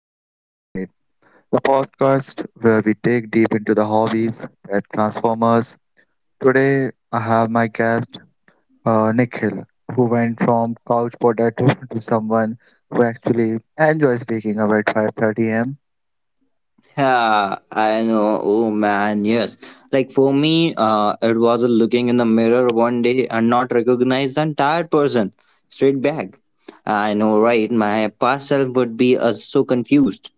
Recently started. The podcast where we dig deep into the hobbies that transform us. Today I have my guest Nikhil who went from couch potato to someone who actually enjoys waking up at 5:30 a.m. Yeah, I know. Oh man, yes. Like for me, it was looking in the mirror one day and not recognize an tired person. Straight back. I know, right? My past self would be so confused.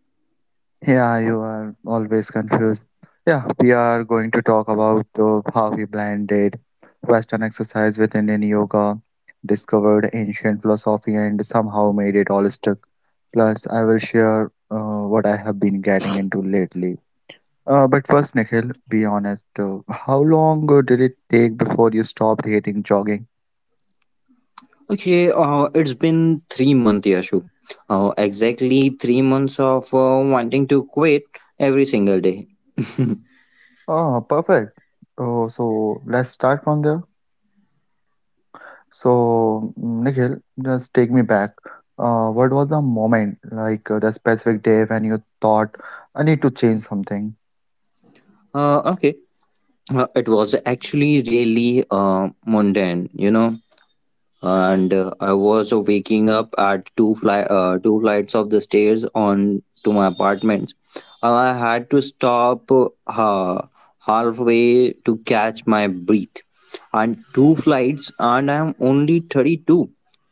Yeah, you are always confused. Yeah, we are going to talk about how he blended Western exercise with Indian yoga, discovered ancient philosophy, and somehow made it all stuck. Plus, I will share what I have been getting into lately. But first, Nikhil, be honest. How long did it take before you stopped hating jogging? Okay, it's been 3 months, Yashu. Exactly 3 months of wanting to quit every single day. Oh, perfect. Oh, so let's start from there. So, Nikhil, just take me back. What was the moment, like the specific day when you thought, I need to change something? Okay. It was actually really mundane, you know. And I was waking up at two flights of the stairs on to my apartment. I had to stop halfway to catch my breath. And two flights, and I'm only 32.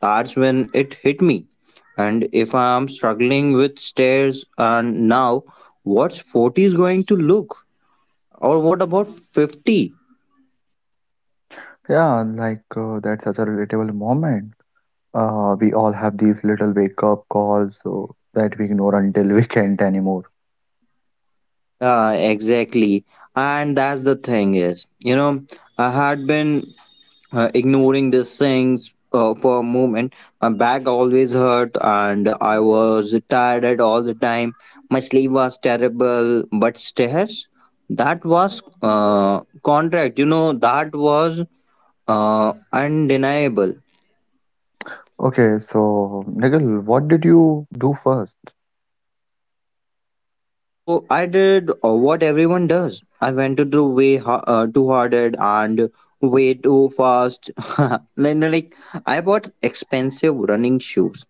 That's when it hit me. And if I'm struggling with stairs, and now what's 40 is going to look? Or what about 50? Yeah, like that's such a relatable moment. We all have these little wake up calls that we ignore until we can't anymore. Exactly. And that's the thing is, you know, I had been ignoring these things for a moment. My back always hurt and I was tired at all the time. My sleep was terrible, but stairs, that was contract, you know, that was undeniable. Okay, so Nikhil, what did you do first? So I did what everyone does. I went to the too hard at and way too fast. like, no, like I bought expensive running shoes,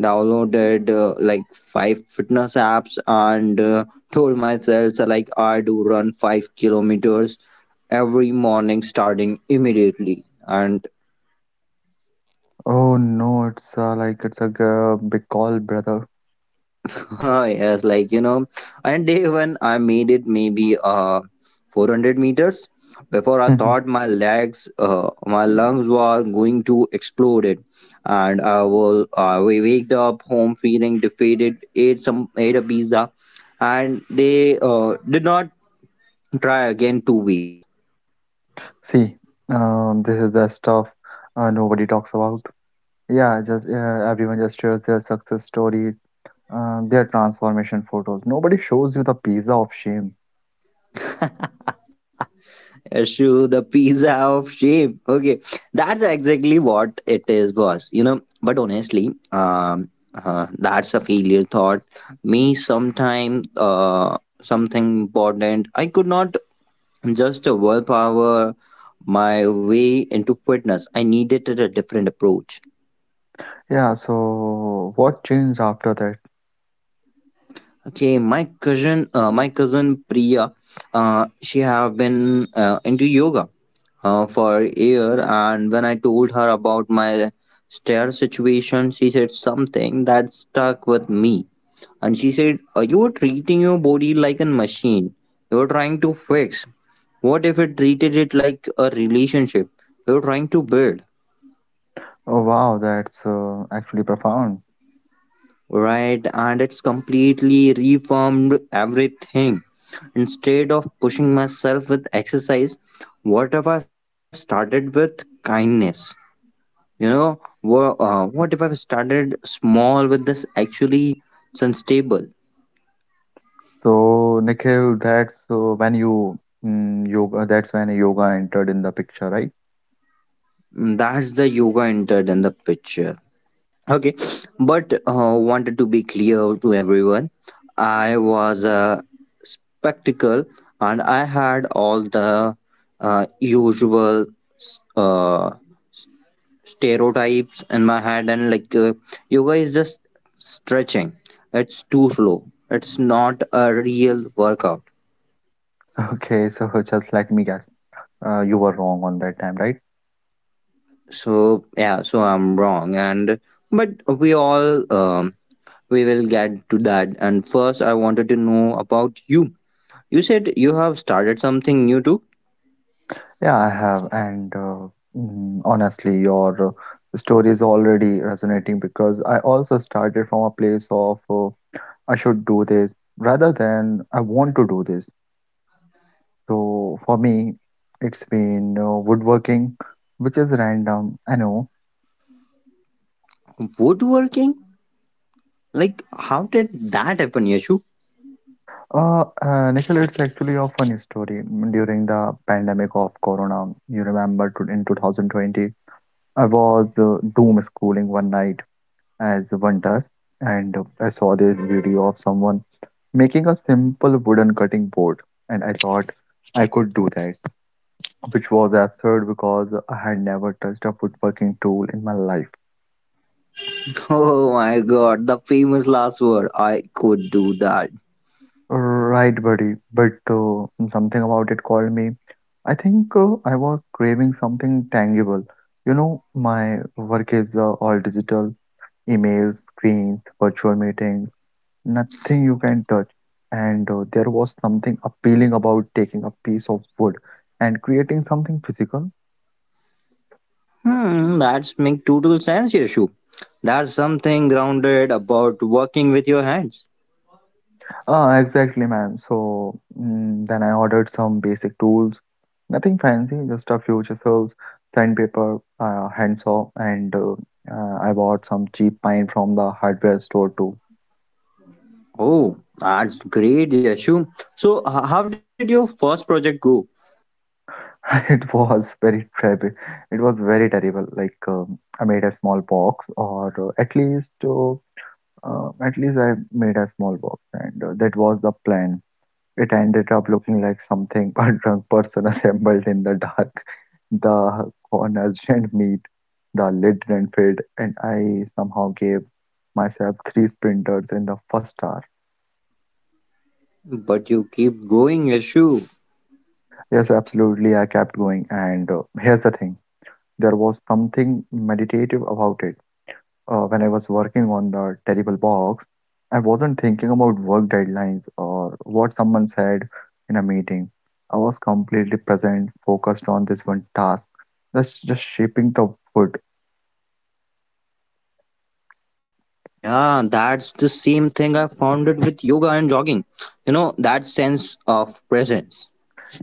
downloaded like five fitness apps, and told myself like I do run 5 kilometers every morning starting immediately. And Oh no, it's like it's a big call, brother. yes, like you know, and day when I made it maybe 400 meters before I thought my legs, my lungs were going to explode it, and I was we waked up home feeling defeated, ate some ate a pizza, and they did not try again 2 weeks. See, this is the stuff nobody talks about. Yeah, just yeah, everyone just shares their success stories, their transformation photos. Nobody shows you the pizza of shame. Issue the pizza of shape. Okay, exactly what it is, boss. You know, but honestly, that's a failure thought. Me, sometime, something important. I could not just willpower my way into fitness. I needed a different approach. Yeah, so what changed after that? Okay, my cousin Priya, she have been into yoga for a year. And when I told her about my stair situation, she said something that stuck with me. And she said, you are treating your body like a machine you're trying to fix. What if it treated it like a relationship you're trying to build? Oh wow, that's actually profound. Right? And it's completely reformed everything. Instead of pushing myself with exercise, what if I started with kindness? You know, what if I've started small with this actually unstable? So Nikhil, that's when you yoga. That's when yoga entered in the picture, right? That's the yoga entered in the picture. Okay, but wanted to be clear to everyone. I was a spectacle and I had all the usual uh, stereotypes in my head, and like yoga is just stretching, it's too slow, it's not a real workout Okay, so just let me guess, you were wrong on that time, right? So I'm wrong and but we all we will get to that. And first, I wanted to know about you. You said you have started something new too. Yeah, I have. And honestly, your story is already resonating because I also started from a place of I should do this rather than I want to do this. So for me, it's been woodworking, which is random, I know. Woodworking, like how did that happen, Yashu? Nikhil, it's actually a funny story. During the pandemic of Corona, you remember in 2020, I was doom schooling one night as one does, and I saw this video of someone making a simple wooden cutting board, and I thought I could do that, which was absurd because I had never touched a woodworking tool in my life. Oh my god, the famous last word, I could do that. Right, buddy, but something about it called me. I think I was craving something tangible. You know, my work is all digital, emails, screens, virtual meetings, nothing you can touch. And there was something appealing about taking a piece of wood and creating something physical. Hmm, that's make total sense, Yashu. There's something grounded about working with your hands. Ah, exactly, man. So, then I ordered some basic tools, nothing fancy, just a few chisels, sandpaper, handsaw, and I bought some cheap pine from the hardware store too. Oh, that's great, Yashu. So how did your first project go? It was very terrible. It was very terrible. Like, I made a small box, or uh, at least. Uh, Uh, at least I made a small box, and that was the plan. It ended up looking like something a drunk person assembled in the dark. The corners didn't meet, the lid didn't fit, and I somehow gave myself three sprinters in the first hour. But you keep going, Yashu. Yes, absolutely, I kept going, and here's the thing: there was something meditative about it. When I was working on the terrible box, I wasn't thinking about work deadlines or what someone said in a meeting. I was completely present, focused on this one task, that's just shaping the wood. Yeah, that's the same thing I found it with yoga and jogging. You know, that sense of presence.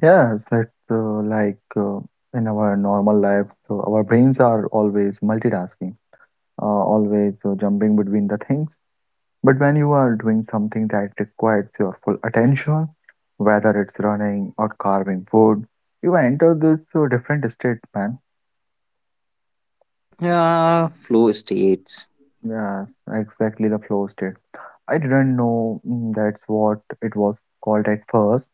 Yes, it's like in our normal life, so our brains are always multitasking, always jumping between the things. But when you are doing something that requires your full attention, whether it's running or carving wood, you enter this different state, man. Yeah, flow states. Yes, exactly the flow state. I didn't know, that's what it was called at first.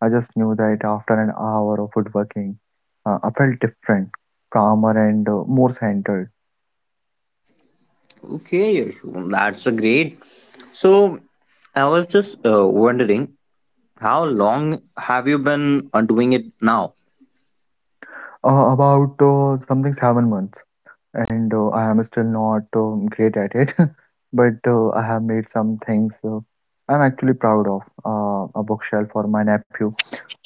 I just knew that after an hour of woodworking, I felt different, calmer, and more centered. Okay, Yashu, that's a great. So, I was just wondering, how long have you been doing it now? About something 7 months. And I am still not great at it, but I have made some things I'm actually proud of. A bookshelf for my nephew,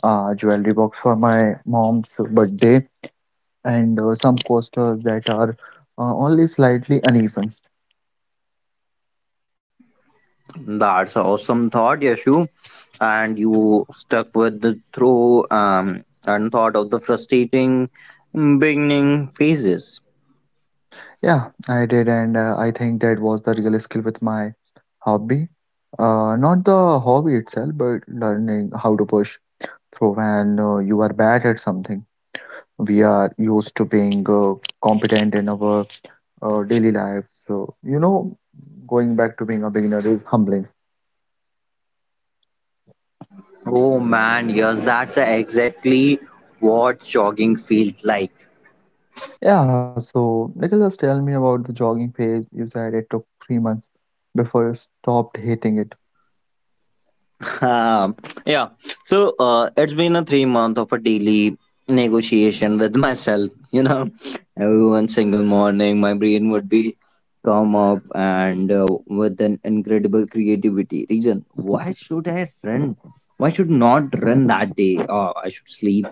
a jewelry box for my mom's birthday, and some coasters that are only slightly uneven. That's an awesome thought, Yashu. And you stuck with the through and thought of the frustrating beginning phases. Yeah, I did, and I think that was the real skill with my hobby. Not the hobby itself, but learning how to push through when you are bad at something. We are used to being competent in our daily life. So, you know, going back to being a beginner is humbling. Oh man, yes, that's exactly what jogging feels like. Yeah, so Nicholas, tell me about the jogging phase. You said it took 3 months before you stopped hating it. Um, yeah, so it's been a 3 month of a daily negotiation with myself. You know, every single morning, my brain would be come up and with an incredible creativity reason. Why should I run? Why should not run that day? Oh, I should sleep.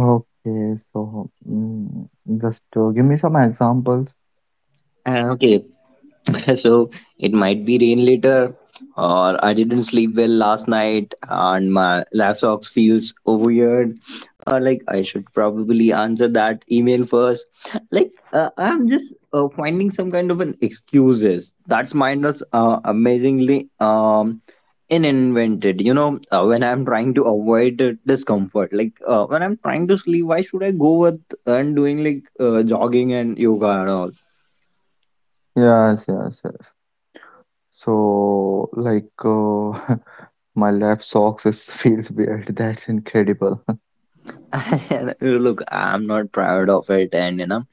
Okay, so, just give me some examples. Okay, so it might be rain later, or I didn't sleep well last night and my laptop feels weird, or like I should probably answer that email first. Like I'm just finding some kind of an excuses that's mine was amazingly invented, you know. When I'm trying to avoid the discomfort, like when I'm trying to sleep, why should I go with and doing like jogging and yoga and all? Yes, yes, yes. So, like, my left socks is feels weird. That's incredible. Look, I'm not proud of it, and you know,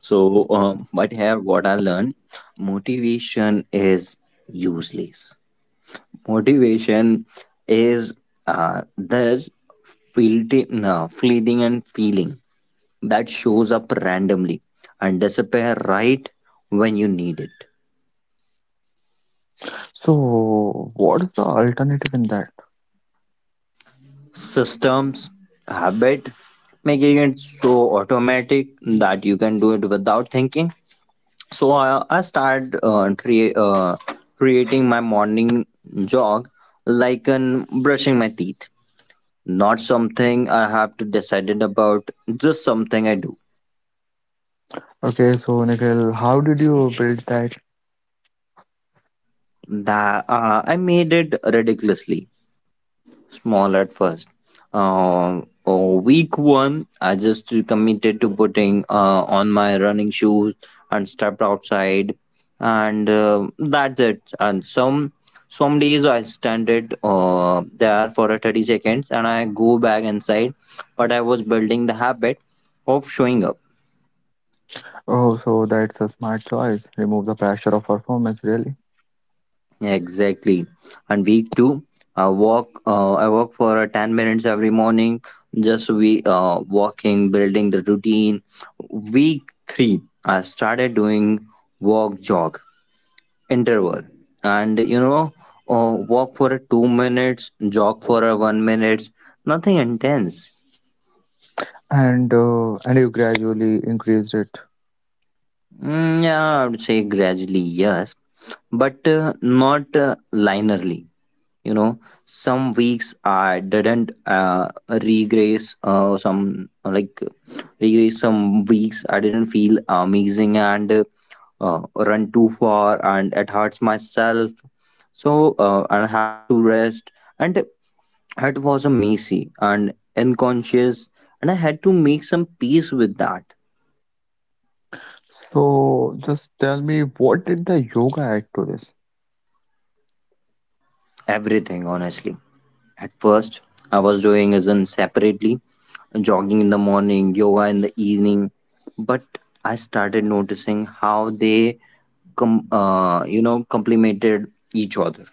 so but here, what I learned motivation is useless. Motivation is this fleeting, no, fleeting and feeling that shows up randomly and disappear right when you need it. So, what's the alternative in that? Systems, habit, making it so automatic that you can do it without thinking. So I start creating my morning jog like an brushing my teeth. Not something I have to decided about, just something I do. Okay, so Nikhil, how did you build that? That I made it ridiculously small at first. Oh, week one, I just committed to putting on my running shoes and stepped outside, and that's it. And some days I stand it there for a 30 seconds, and I go back inside. But I was building the habit of showing up. Oh, so that's a smart choice. Remove the pressure of performance, really, Exactly. And week two, I walk. I walk for 10 minutes every morning. Just we walking, building the routine. Week three, I started doing walk jog interval, and you know, walk for a 2 minutes, jog for a 1 minute. Nothing intense. and and you gradually increased it. Yeah, I would say gradually, yes, but not linearly. You know, some weeks I didn't regress. Some like regress some weeks I didn't feel amazing and. Run too far and it hurts myself. So I have to rest. And it was a messy and unconscious, and I had to make some peace with that. So, just tell me, what did the yoga add to this? Everything, honestly. At first, I was doing as in separately, jogging in the morning, yoga in the evening, but I started noticing how they you know complemented each other.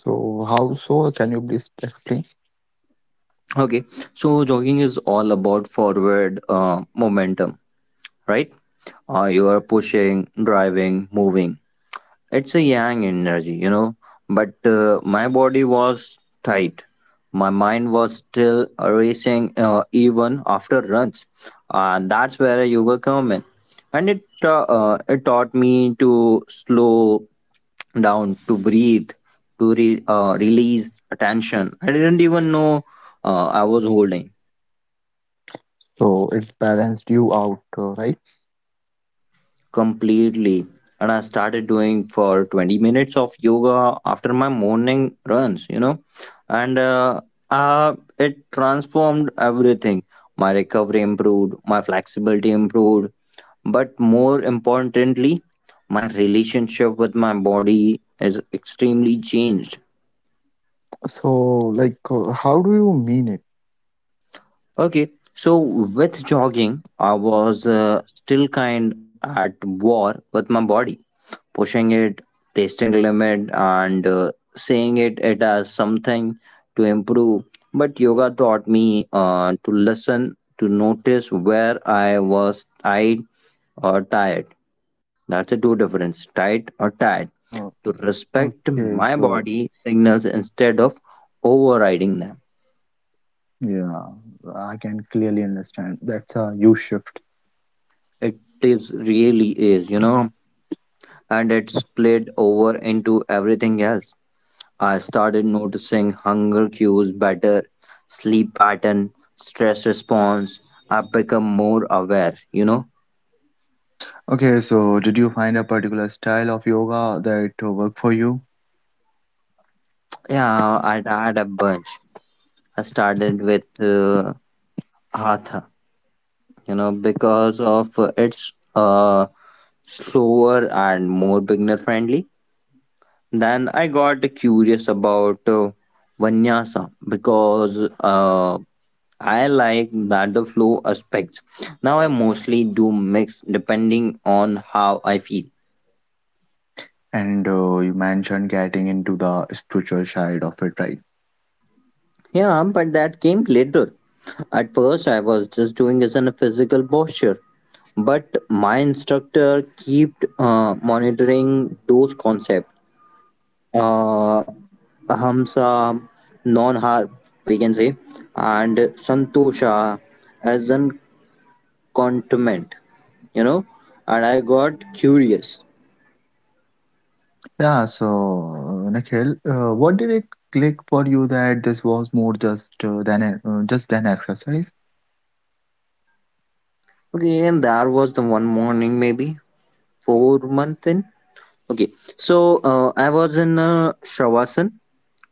So, how so? Can you please explain? Okay, so jogging is all about forward momentum, right? Uh, you are pushing, driving, moving. It's a yang energy, you know. But my body was tight. My mind was still racing even after runs. And that's where yoga come in. And it taught me to slow down, to breathe, to release attention. I didn't even know I was holding. So it's balanced you out, right? Completely, and I started doing for 20 minutes of yoga after my morning runs, you know. And it transformed everything. My recovery improved, my flexibility improved, but more importantly, my relationship with my body is extremely changed. So, like, how do you mean it? Okay, so with jogging I was still kind at war with my body, pushing it, testing limit, and seeing it as something to improve. But yoga taught me to listen, to notice where I was tight or tired. That's the two difference, tight or tired. Uh, To respect okay, my so body signals instead of overriding them. yeah, I can clearly understand. That's a huge shift. It is really is, you know, and it's played over into everything else. I started noticing hunger cues better, sleep pattern, stress response. I become more aware, you know. Okay, so did you find a particular style of yoga that worked for you? Yeah, I tried a bunch. I started with Hatha, you know, because of its slower and more beginner friendly. Then I got curious about Vinyasa because I like that the flow aspects. Now I mostly do mix depending on how I feel. And you mentioned getting into the spiritual side of it, right? Yeah, but that came later. At first, I was just doing as in a physical posture. But my instructor kept monitoring those concepts. Uh, ahamsa, non-harm, we can say, and santosha as an contentment, you know. And I got curious. Yeah, so Nikhil, what did it click for you that this was more just than just an exercise? Okay, and there was the one morning, maybe 4 month in. Okay, so I was in Shavasana.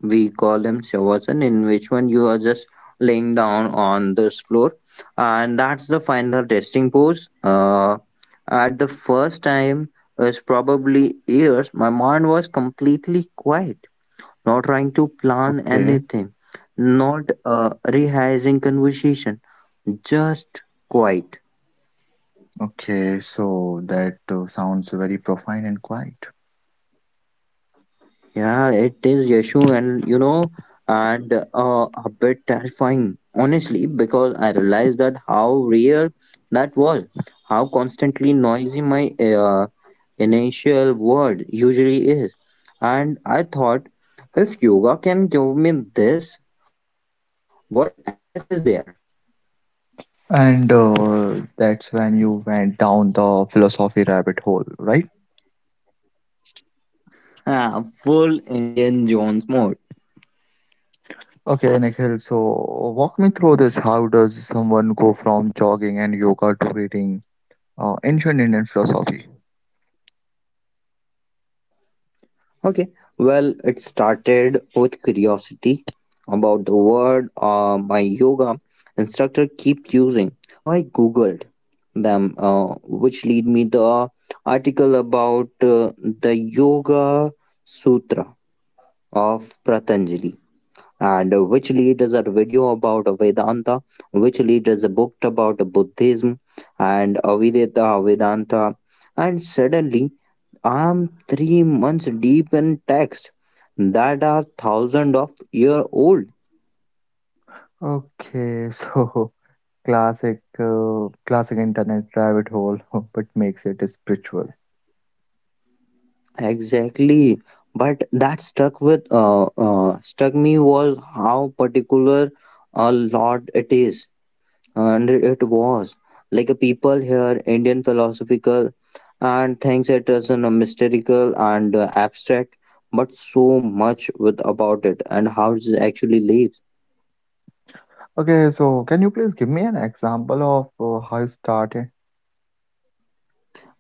We call them Shavasana, in which one you are just laying down on this floor, and that's the final testing pose. At the first time, was probably years. My mind was completely quiet, not trying to plan Okay. anything, not rehearsing conversation, just quiet. Okay, so that sounds very profound and quiet. Yeah, it is Yashu, and you know, and a bit terrifying, honestly, because I realized that how real that was, how constantly noisy my initial world usually is. And I thought, if yoga can give me this, what else is there? And that's when you went down the philosophy rabbit hole, right? Ah, full Indian Jones mode. Okay, Nikhil, so walk me through this. How does someone go from jogging and yoga to reading ancient Indian philosophy? Okay, well, it started with curiosity about the word my yoga instructor kept using. So I googled them, which lead me the article about the Yoga Sutra of Patanjali, and which leaders a video about Vedanta, which leaders a book about Buddhism and Avideta Vedanta. And suddenly, I'm 3 months deep in texts that are thousand of year old. Okay, so classic, classic internet rabbit hole, but makes it spiritual. Exactly. But that stuck with struck me was how particular a lot it is. And it was like a people here Indian philosophical and things it is in a mystical and abstract but so much with about it and how it actually lives. Okay, so can you please give me an example of how you started?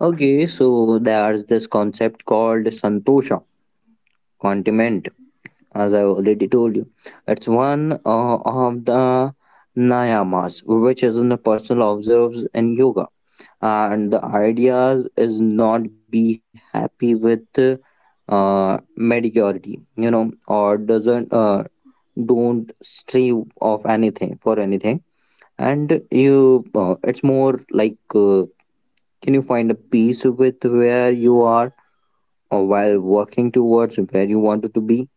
Okay, so there's this concept called santosha continent, as I already told you. It's one of the niyamas which is in the personal observes in yoga. And the ideas is not be happy with mediocrity, you know, or doesn't don't stray of anything for anything. And you it's more like can you find a peace with where you are or while working towards where you wanted to be?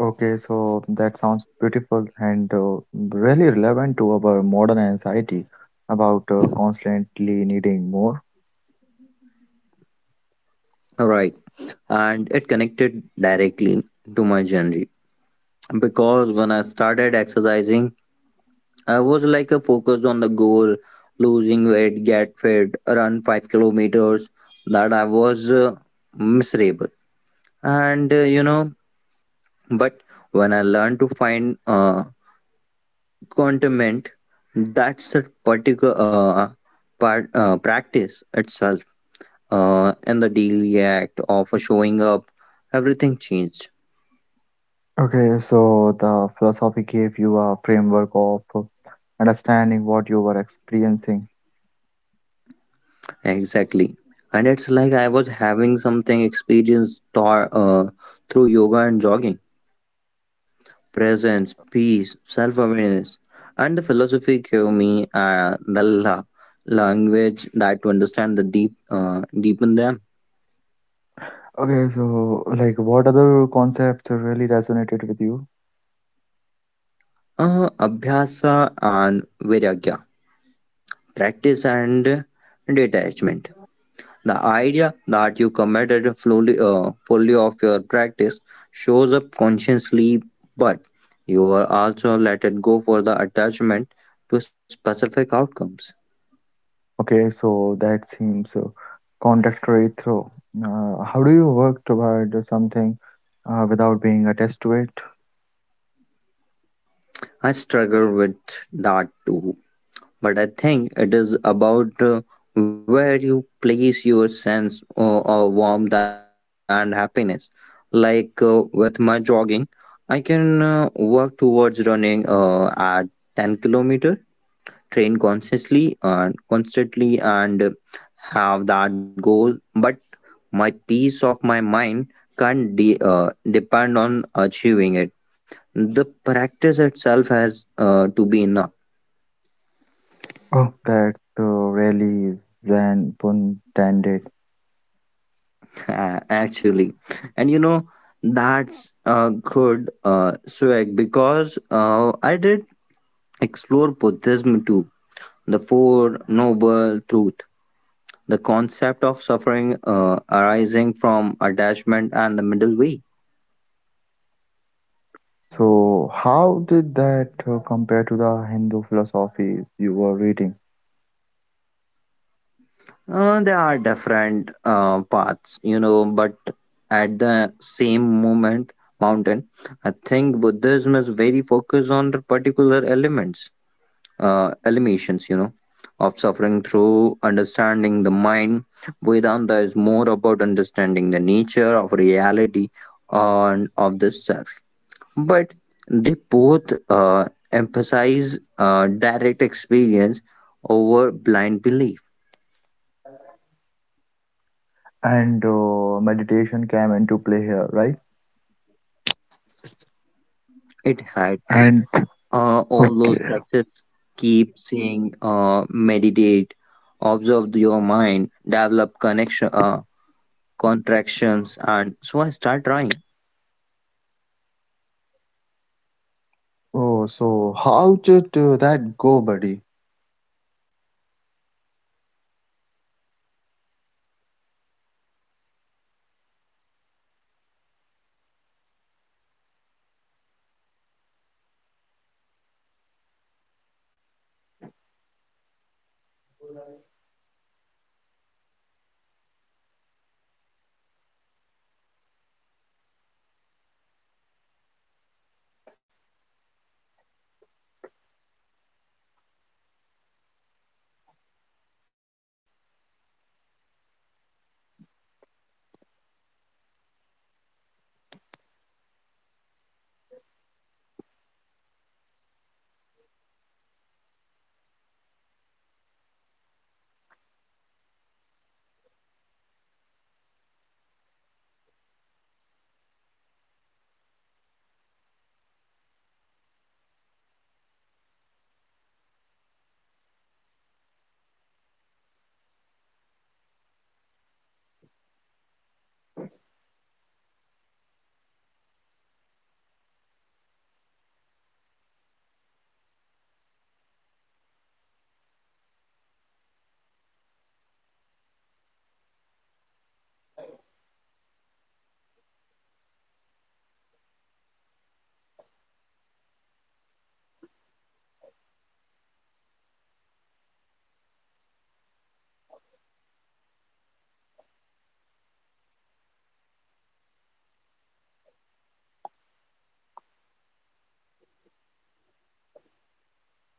Okay, so that sounds beautiful and really relevant to our modern anxiety about constantly needing more. Right. And it connected directly to my journey, because when I started exercising I was like a focused on the goal, losing weight, get fit, run 5 kilometers. That I was miserable, and you know, but when I learned to find contentment, that's a particular part practice itself. And the daily act of showing up, everything changed. Okay, so the philosophy gave you a framework of understanding what you were experiencing. Exactly. And it's like I was having something experience thought through yoga and jogging. Presence, peace, self awareness. And the philosophy gave me the language that to understand the deep, deep in them. Okay, so like what other concepts really resonated with you? Abhyasa and viragya, practice and detachment. The idea that you committed fully of your practice shows up consciously, but you are also let it go for the attachment to specific outcomes. Okay, so that seems contradictory through. How do you work toward something without being attached to it? I struggle with that too, but I think it is about where you place your sense of warmth and happiness. Like with my jogging, I can work towards running at 10-kilometer, train consciously and constantly and have that goal, but my peace of my mind can't depend on achieving it. The practice itself has to be enough. Oh, that's really Zen pun intended. Actually, and you know, that's a good swag, because I did explore buddhism too. The four noble truth, the concept of suffering arising from attachment and the middle way. So, how did that compare to the Hindu philosophies you were reading? There are different paths, you know, but at the same moment mountain I think buddhism is very focused on the particular elements, eliminations, you know, of suffering through understanding the mind. Vedanta is more about understanding the nature of reality and of the self. But they both emphasize direct experience over blind belief. And meditation came into play here, right? It had to. And All those okay. texts keep saying meditate, observe your develop connection, contractions, and so I start trying. Oh, so how did that go, buddy? And terribly at my first. I had sat down to as and meditate at the last maybe 3 minutes before. I was figuring and checking my phone. My mind would like you know constantly. I thought it must be doing it wrong. So after all the entire thing, I did by my own, and already, I keep focusing on the entire thing because I really spent it a lot in meditation. So I was wondering, should I continue that? And I really go with it. I started just 5 minutes a day, and that's a really way, you know. So how about you, Yashu? Like, I also think that maybe it's some kind of an related to you and uh, look when I was started it I was started at when I feel some kind of an thing, you know, in which I am facing some kind of an issue, just like an back hurt and all,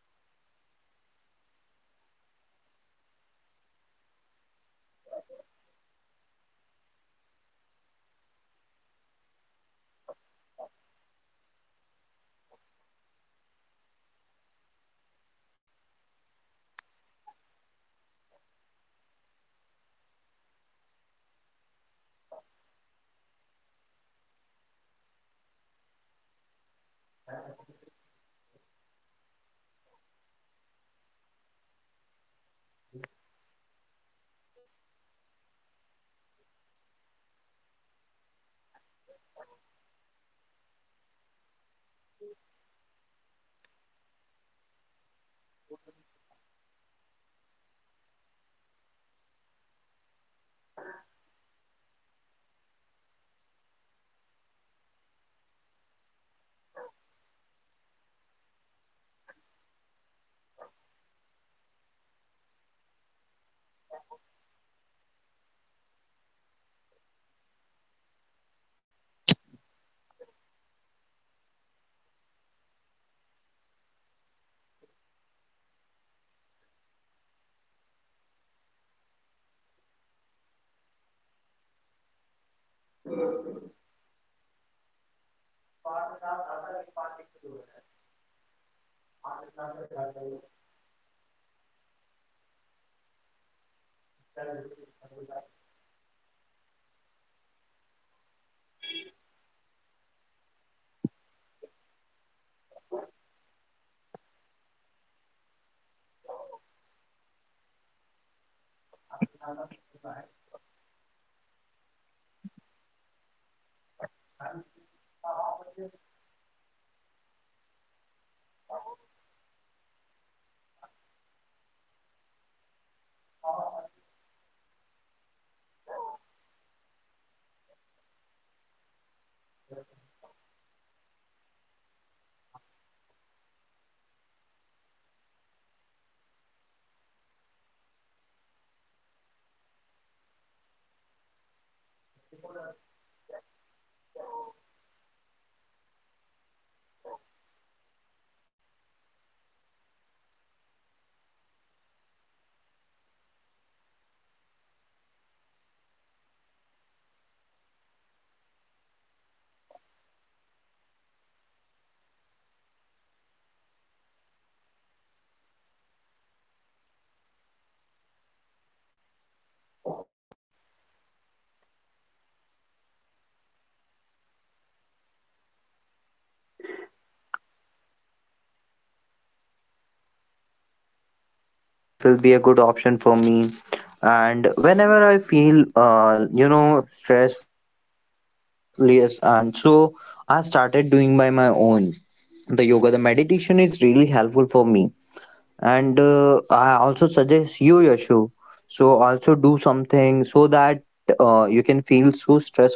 and a lot of time spent with the entire thing. And of all is this thing that which happened with me, so I'm continue the entire thing. And the practical things. Okay, so I've been like pretty well running regular and regularly doing yoga, feeling good, and then I really stressful at work, uh, dealing with pressure, difficult client, the usual. And one night I just crashed and couldn't sleep for an hour. Always been wondering what would be happen if I didn't do this thing, cause a lot of people was doing it. And when I was started, you know Yashu, it's been a too long and maybe let me start with my first things that I already told you, but to the listeners who were just listening the entire podcast, um okay, so after all these things when I my back hurt my entire thing and the fully thing getting too rust, so I changed my entire thing, and I'm also thinking that that will be a good option for me, and whenever I feel you know stressless, and so I started doing by my own. The yoga, the meditation is really helpful for me. And I also suggest you Yashu so also do something so that you can feel so stressful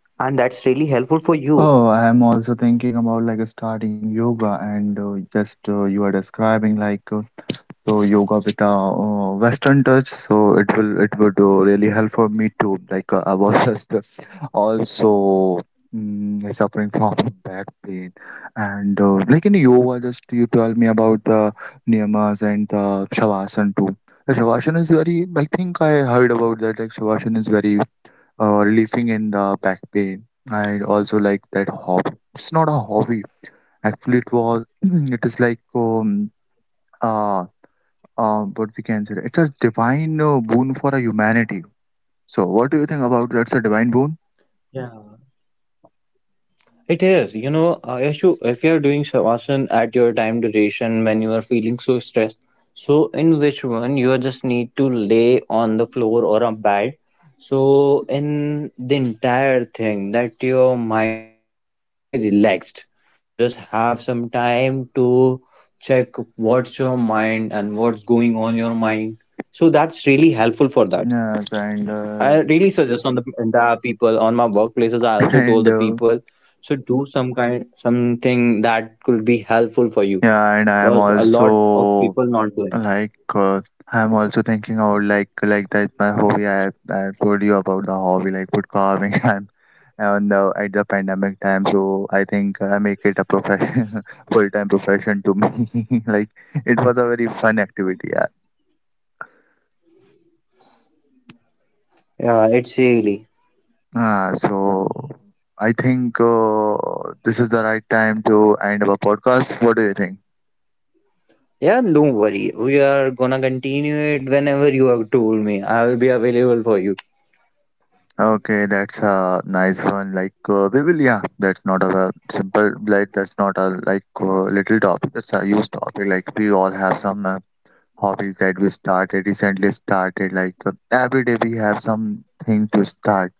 and that's really helpful for you. Oh, I am also thinking about like starting yoga, and just you are describing like. So yoga with a Western touch, so it would really help for me too. Like I was just also, suffering from back pain, and like in yoga, just you tell me about the niyamas and the shavasana too. The shavasana is very. I think I heard about that. Like shavasana is very relieving in the back pain. I also like that hobby. It's not a hobby. Actually, it was. It is like, um, uh what we can say, it's a divine boon for a humanity. So, what do you think about that's a divine boon? It is, you know, if you if you're doing shavasana at your time duration when you are feeling so stressed, so in which one you just need to lay on the floor or a bed. So in the entire thing that your mind is fully relaxed. You just have some time to check what's your mind and what's going on your mind. So that's really helpful for that. Yes, and I really suggest on the people on my workplaces. I and also told the people should do some kind something that could be helpful for yeah, you, and I am because a lot also of people not like doing. I am also thinking about like that my hobby. I told you about the hobby like wood carving. I'm on the at the pandemic time, so I think I make it a profession, full time profession to me. Like it was a very fun activity. Yeah. Yeah, it's really. So I think this is the right time to end our podcast. What do you think? Yeah, don't worry. We are gonna continue it whenever you have told me. I will be available for you. Okay, that's a nice one. Like we will, yeah. That's not a simple, like that's not a like little topic. That's a huge topic. Like we all have some hobbies that we started recently started. Like every day we have something to start.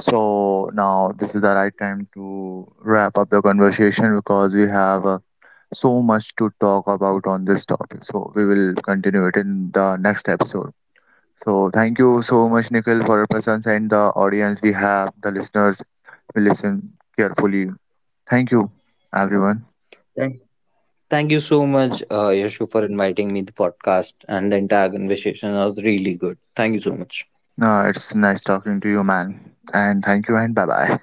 So now this is the right time to wrap up the conversation because we have. So much to talk about on this topic. So we will continue it in the next episode. So thank you so much, Nikhil, for your presence and the audience we have, the listeners we listen carefully. Thank you, everyone. Thank thank you so much, Yashu, for inviting me the podcast and the entire conversation was really good. Thank you so much. It's nice talking to you, man. And thank you, and bye bye.